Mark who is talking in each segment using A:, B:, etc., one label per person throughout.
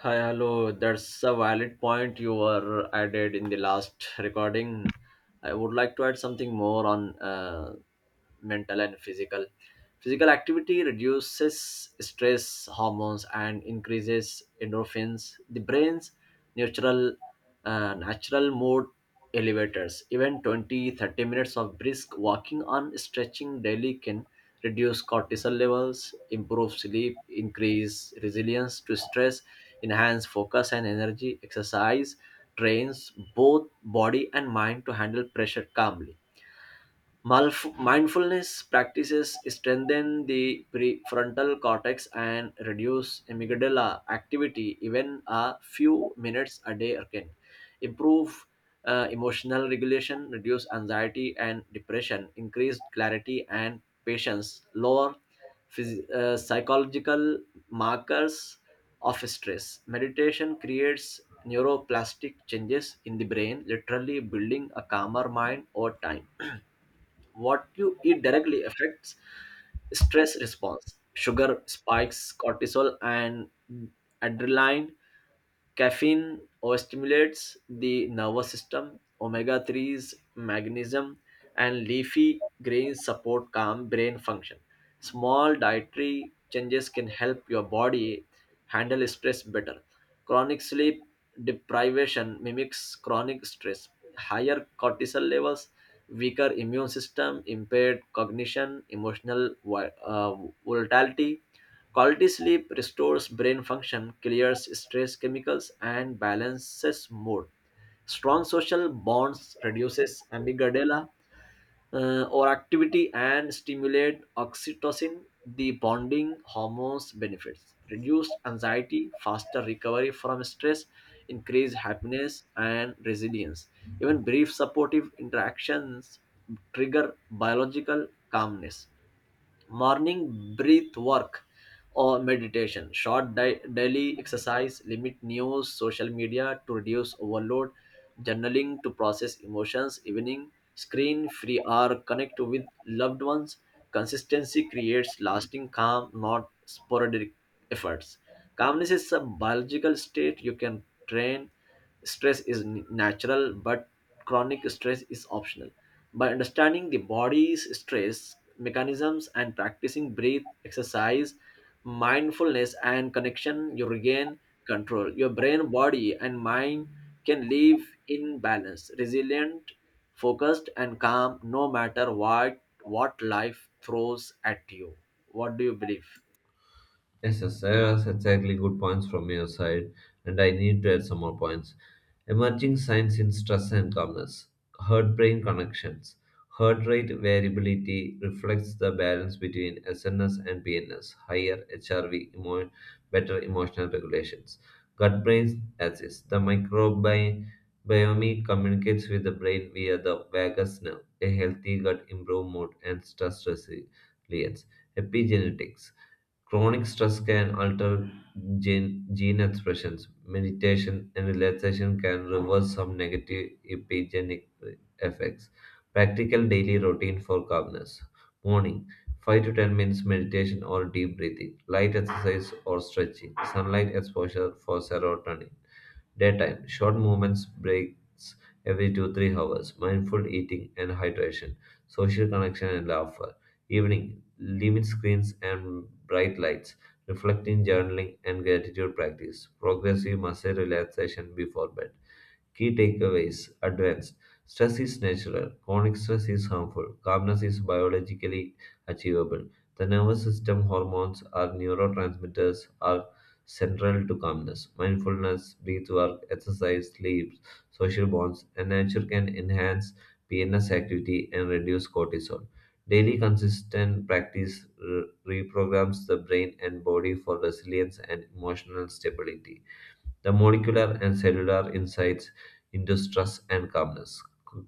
A: Hi, hello. That's a valid point you were added in the last recording. I would like to add something more on mental and physical. Physical activity reduces stress hormones and increases endorphins, the brain's natural natural mood elevators. Even 20 30 minutes of brisk walking on stretching daily can reduce cortisol levels, improve sleep, increase resilience to stress, enhance focus and energy. Exercise trains both body and mind to handle pressure calmly. Mindfulness practices strengthen the prefrontal cortex and reduce amygdala activity. Even a few minutes a day can improve emotional regulation, reduce anxiety and depression, increase clarity and patience, lower psychological markers of stress. Meditation creates neuroplastic changes in the brain, literally building a calmer mind over time. What you eat directly affects stress response. Sugar spikes cortisol and adrenaline. Caffeine overstimulates the nervous system. Omega 3s, magnesium, and leafy greens support calm brain function. Small dietary changes can help your body handle stress better. Chronic sleep deprivation mimics chronic stress. Higher cortisol levels, weaker immune system, impaired cognition, emotional volatility. Quality sleep restores brain function, clears stress chemicals, and balances mood. Strong social bonds reduces amygdala, or activity and stimulate oxytocin, the bonding hormones benefits. Reduced anxiety, faster recovery from stress, increased happiness and resilience. Even brief supportive interactions trigger biological calmness. Morning breath work or meditation, short daily exercise, limit news, social media to reduce overload, journaling to process emotions, evening screen free hour, connect with loved ones. Consistency creates lasting calm, not sporadic efforts. Calmness is a biological state you can train. Stress is natural, but chronic stress is optional. By understanding the body's stress mechanisms and practicing breath, exercise, mindfulness, and connection, you regain control. Your brain, body, and mind can live in balance, resilient, focused, and calm no matter what life throws at you. What do you believe?
B: Yes, yes, that's exactly good points from your side, and I need to add some more points. Emerging signs in stress and calmness, heart brain connections. Heart rate variability reflects the balance between SNS and PNS, higher HRV, better emotional regulations. Gut brain axis, the microbiome communicates with the brain via the vagus nerve. A healthy gut improves mood and stress resilience. Epigenetics. Chronic stress can alter gene expressions. Meditation and relaxation can reverse some negative epigenetic effects. Practical daily routine for calmness. Morning, 5 to 10 minutes meditation or deep breathing, light exercise or stretching, sunlight exposure for serotonin. Daytime short movements breaks every 2 3 hours, mindful eating and hydration, social connection and laughter. Evening, limit screens and bright lights, reflecting journaling and gratitude practice, progressive muscle relaxation before bed. Key takeaways advanced. Stress is natural, chronic stress is harmful, calmness is biologically achievable. The nervous system hormones or neurotransmitters are central to calmness. Mindfulness, breath work, exercise, sleep, social bonds, and nature can enhance PNS activity and reduce cortisol. Daily consistent practice reprograms the brain and body for resilience and emotional stability, the molecular and cellular insights into stress and calmness.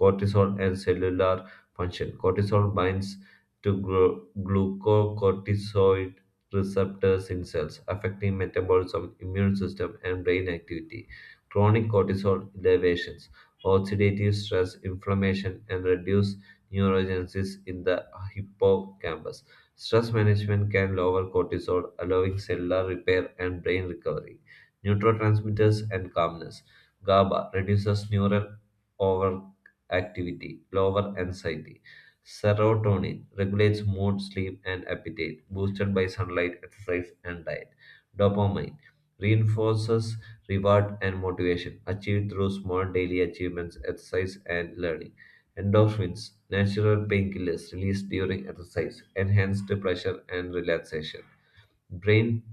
B: Cortisol and cellular function. Cortisol binds to glucocorticoid receptors in cells, affecting metabolism, immune system, and brain activity. Chronic cortisol elevations, oxidative stress, inflammation, and reduced neurogenesis in the hippocampus. Stress management can lower cortisol, allowing cellular repair and brain recovery. Neurotransmitters and calmness. GABA reduces neural overactivity, lower anxiety. Serotonin regulates mood, sleep, and appetite, boosted by sunlight, exercise, and diet. Dopamine reinforces reward and motivation, achieved through small daily achievements, exercise, and learning. Endorphins, natural painkillers released during exercise, enhanced pleasure and relaxation. Brain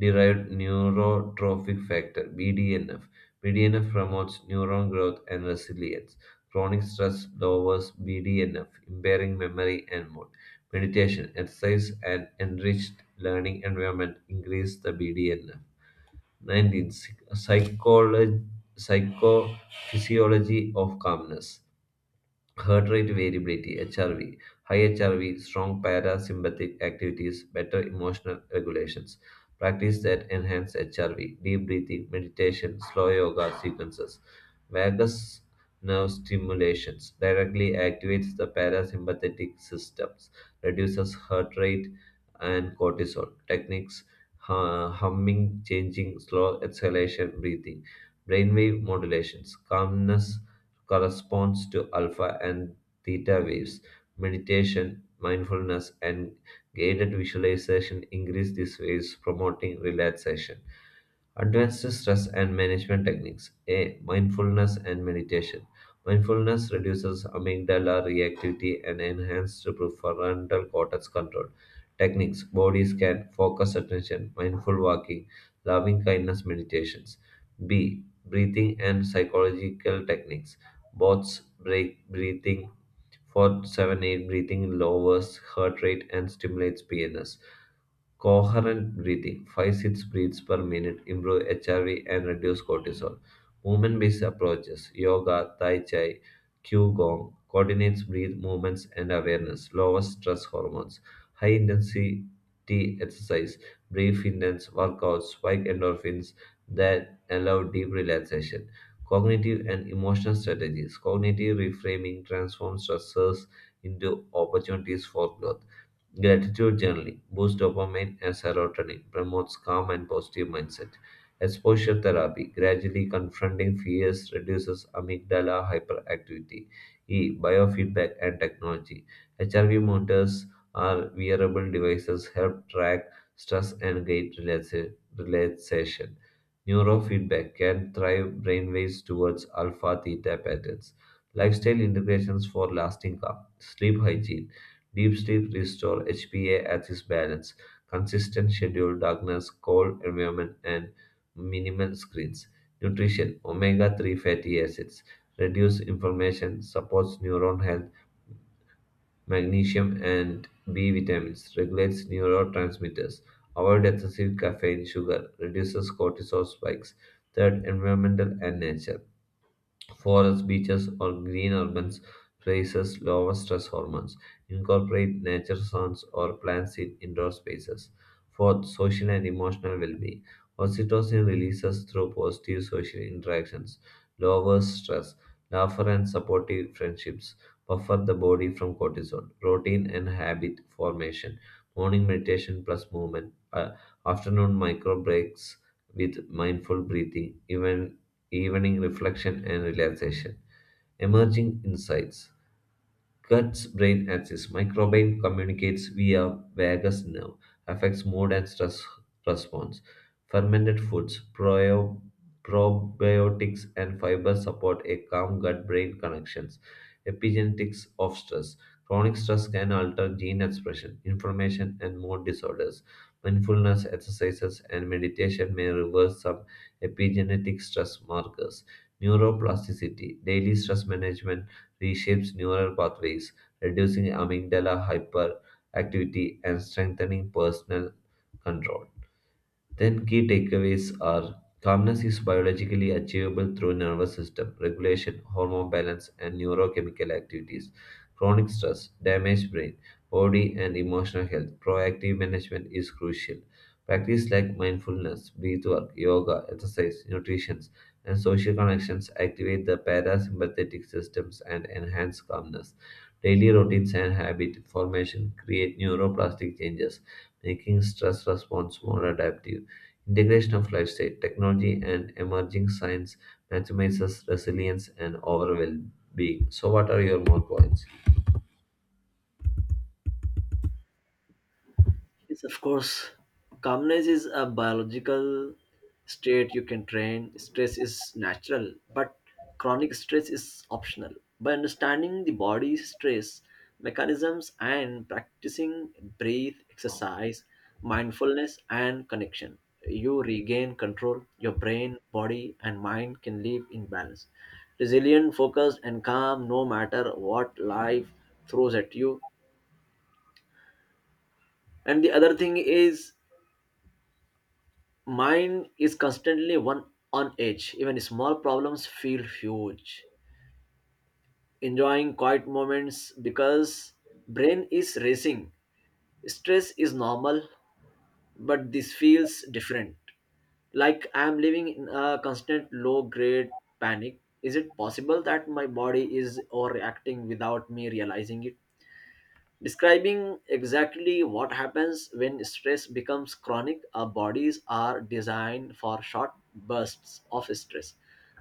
B: derived neurotrophic factor (BDNF). BDNF promotes neuron growth and resilience. Chronic stress lowers BDNF, impairing memory and mood. Meditation, exercise, and enriched learning environment increase the BDNF. 19. Psychology, psychophysiology of calmness. Heart rate variability (HRV), high HRV, strong parasympathetic activities, better emotional regulations. Practice that enhance HRV, deep breathing, meditation, slow yoga sequences. Vagus nerve stimulations directly activates the parasympathetic systems, reduces heart rate and cortisol. Techniques, humming, changing, slow exhalation, breathing, brainwave modulations, calmness corresponds to alpha and theta waves. Meditation, mindfulness, and guided visualization increase these waves, promoting relaxation. Advanced stress and management techniques. A. Mindfulness and meditation. Mindfulness reduces amygdala reactivity and enhances prefrontal cortex control. Techniques: body scan, focus attention, mindful walking, loving kindness meditations. B. Breathing and psychological techniques. Bots break breathing for 7 8 breathing lowers heart rate and stimulates PNS. Coherent breathing, 5 6 breaths per minute, improve HRV and reduce cortisol. Movement based approaches, yoga, tai chi, qigong, coordinates breath movements and awareness, lowers stress hormones. High intensity exercise, brief intense workouts, spike endorphins that allow deep relaxation. Cognitive and emotional strategies. Cognitive reframing transforms stressors into opportunities for growth. Gratitude journaling boosts dopamine and serotonin, promotes calm and positive mindset. Exposure therapy gradually confronting fears reduces amygdala hyperactivity. E. Biofeedback and technology. HRV monitors are wearable devices, help track stress and gait relaxation. Neurofeedback can drive brainwaves towards alpha theta patterns. Lifestyle integrations for lasting calm. Sleep hygiene. Deep sleep restores HPA at its balance, consistent schedule, darkness, cold environment, and minimal screens. Nutrition. Omega 3 fatty acids reduce inflammation, supports neuron health, magnesium and B vitamins, regulates neurotransmitters, avoid excessive caffeine, sugar, reduces cortisol spikes. Third, environmental and nature. Forests, beaches, or green urbans produces lower stress hormones. Incorporate nature sounds or plants in indoor spaces. Fourth, social and emotional well-being. Oxytocin releases through positive social interactions, lowers stress, laughter and supportive friendships, buffer the body from cortisol. Routine and habit formation. Morning meditation plus movement, afternoon micro breaks with mindful breathing, even evening reflection and relaxation. Emerging insights. Gut's brain axis. Microbiome communicates via vagus nerve, affects mood and stress response. Fermented foods, probiotics, and fiber support a calm gut-brain connections. Epigenetics of stress. Chronic stress can alter gene expression, inflammation, and mood disorders. Mindfulness exercises and meditation may reverse some epigenetic stress markers. Neuroplasticity, daily stress management reshapes neural pathways, reducing amygdala hyperactivity and strengthening personal control. Then key takeaways are, calmness is biologically achievable through nervous system regulation, hormone balance, and neurochemical activities. Chronic stress, damaged brain, body and emotional health. Proactive management is crucial. Practice like mindfulness, breath work, yoga, exercise, nutrition, and social connections activate the parasympathetic systems and enhance calmness. Daily routines and habit formation create neuroplastic changes, making stress response more adaptive. Integration of lifestyle, technology, and emerging science maximizes resilience and overall well being. So, what are your more points?
A: Yes, of course. Calmness is a biological state you can train. Stress is natural, but chronic stress is optional. By understanding the body's stress mechanisms and practicing breathe, exercise, mindfulness, and connection, you regain control. Your brain, body, and mind can live in balance. Resilient, focused, and calm no matter what life throws at you. And the other thing is, mine is constantly one on edge. Even small problems feel huge. Enjoying quiet moments because brain is racing. Stress is normal, but this feels different. Like I am living in a constant low grade panic. Is it possible that my body is overreacting without me realizing it? Describing exactly what happens when stress becomes chronic, our bodies are designed for short bursts of stress,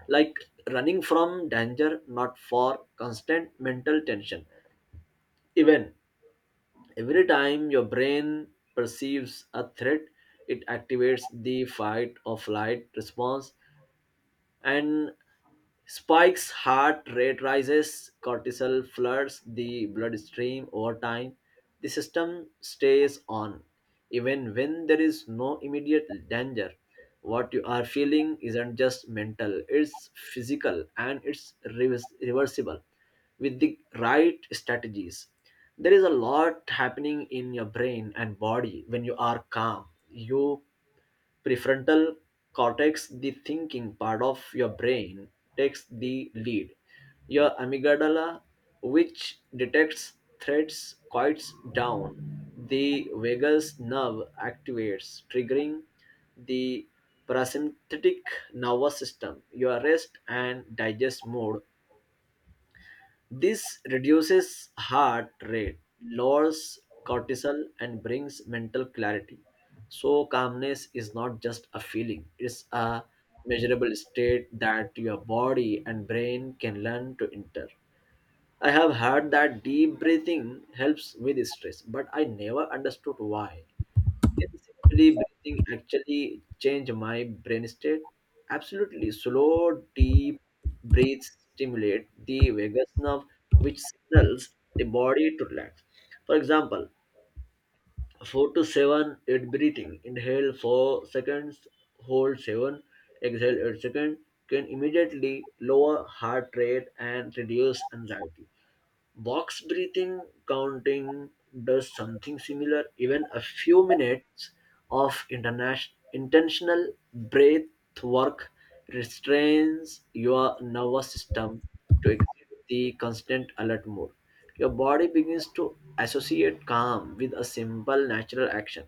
A: like running from danger, not for constant mental tension. Even every time your brain perceives a threat, it activates the fight or flight response, and spikes heart rate rises, cortisol floods the bloodstream over time. The system stays on even when there is no immediate danger. What you are feeling isn't just mental, it's physical and it's reversible with the right strategies. There is a lot happening in your brain and body when you are calm. You prefrontal cortex, the thinking part of your brain, takes the lead. Your amygdala, which detects threats, quiets down. The vagus nerve activates, triggering the parasympathetic nervous system. Your rest and digest mode, this reduces heart rate, lowers cortisol, and brings mental clarity. So, calmness is not just a feeling, it's a measurable state that your body and brain can learn to enter. I have heard that deep breathing helps with stress, but I never understood why. Can simply breathing actually change my brain state? Absolutely. Slow, deep breaths stimulate the vagus nerve, which signals the body to relax. For example, 4 to 7 8 breathing. Inhale 4 seconds, hold 7, exhale 8 seconds can immediately lower heart rate and reduce anxiety. Box breathing counting does something similar. Even a few minutes of intentional breath work restrains your nervous system to exit the constant alert mode. Your body begins to associate calm with a simple natural action.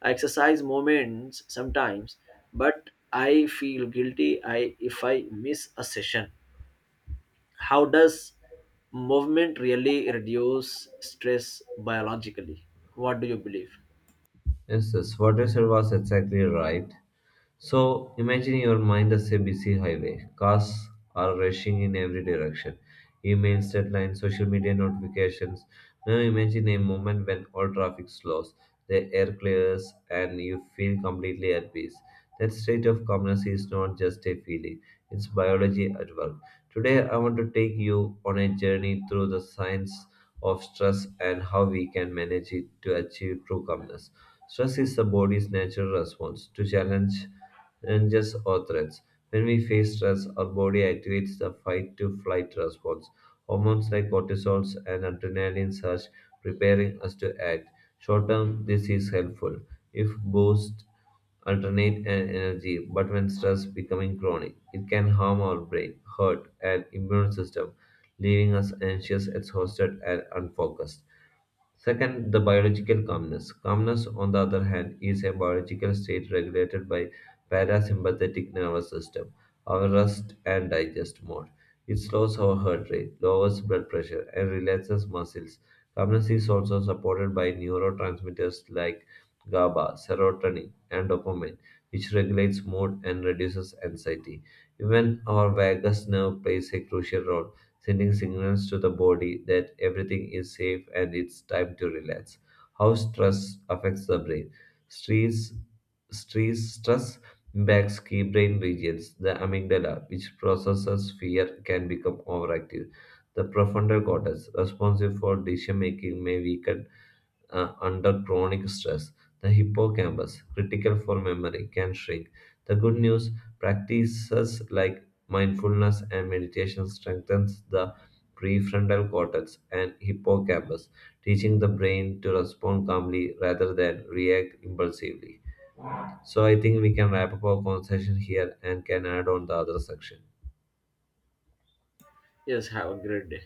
A: I exercise moments sometimes, but I feel guilty if I miss a session, how does movement really reduce stress biologically? What do you believe?
B: Yes, yes, what you said was exactly right. So imagine your mind as a busy highway. Cars are rushing in every direction. Emails, deadlines, social media notifications. Now imagine a moment when all traffic slows, the air clears, and you feel completely at peace. That state of calmness is not just a feeling, it's biology at work. Today, I want to take you on a journey through the science of stress and how we can manage it to achieve true calmness. Stress is the body's natural response to challenges or threats. When we face stress, our body activates the fight to flight response. Hormones like cortisol and adrenaline surge, preparing us to act. Short term, this is helpful if boosted alternate and energy, but when stress becoming chronic, it can harm our brain, heart, and immune system, leaving us anxious, exhausted, and unfocused. Second, the biological calmness. Calmness, on the other hand, is a biological state regulated by parasympathetic nervous system, our rest and digest mode. It slows our heart rate, lowers blood pressure, and relaxes muscles. Calmness is also supported by neurotransmitters like GABA, serotonin, and dopamine, which regulates mood and reduces anxiety. Even our vagus nerve plays a crucial role sending signals to the body that everything is safe and it's time to relax. How stress affects the brain. Stress, stress impacts key brain regions. The amygdala, which processes fear, can become overactive. The profounder cortex, responsible for decision making, may weaken under chronic stress. The hippocampus, critical for memory, can shrink. The good news, practices like mindfulness and meditation strengthens the prefrontal cortex and hippocampus, teaching the brain to respond calmly rather than react impulsively. So I think we can wrap up our conversation here and can add on the other section.
A: Yes, have a great day.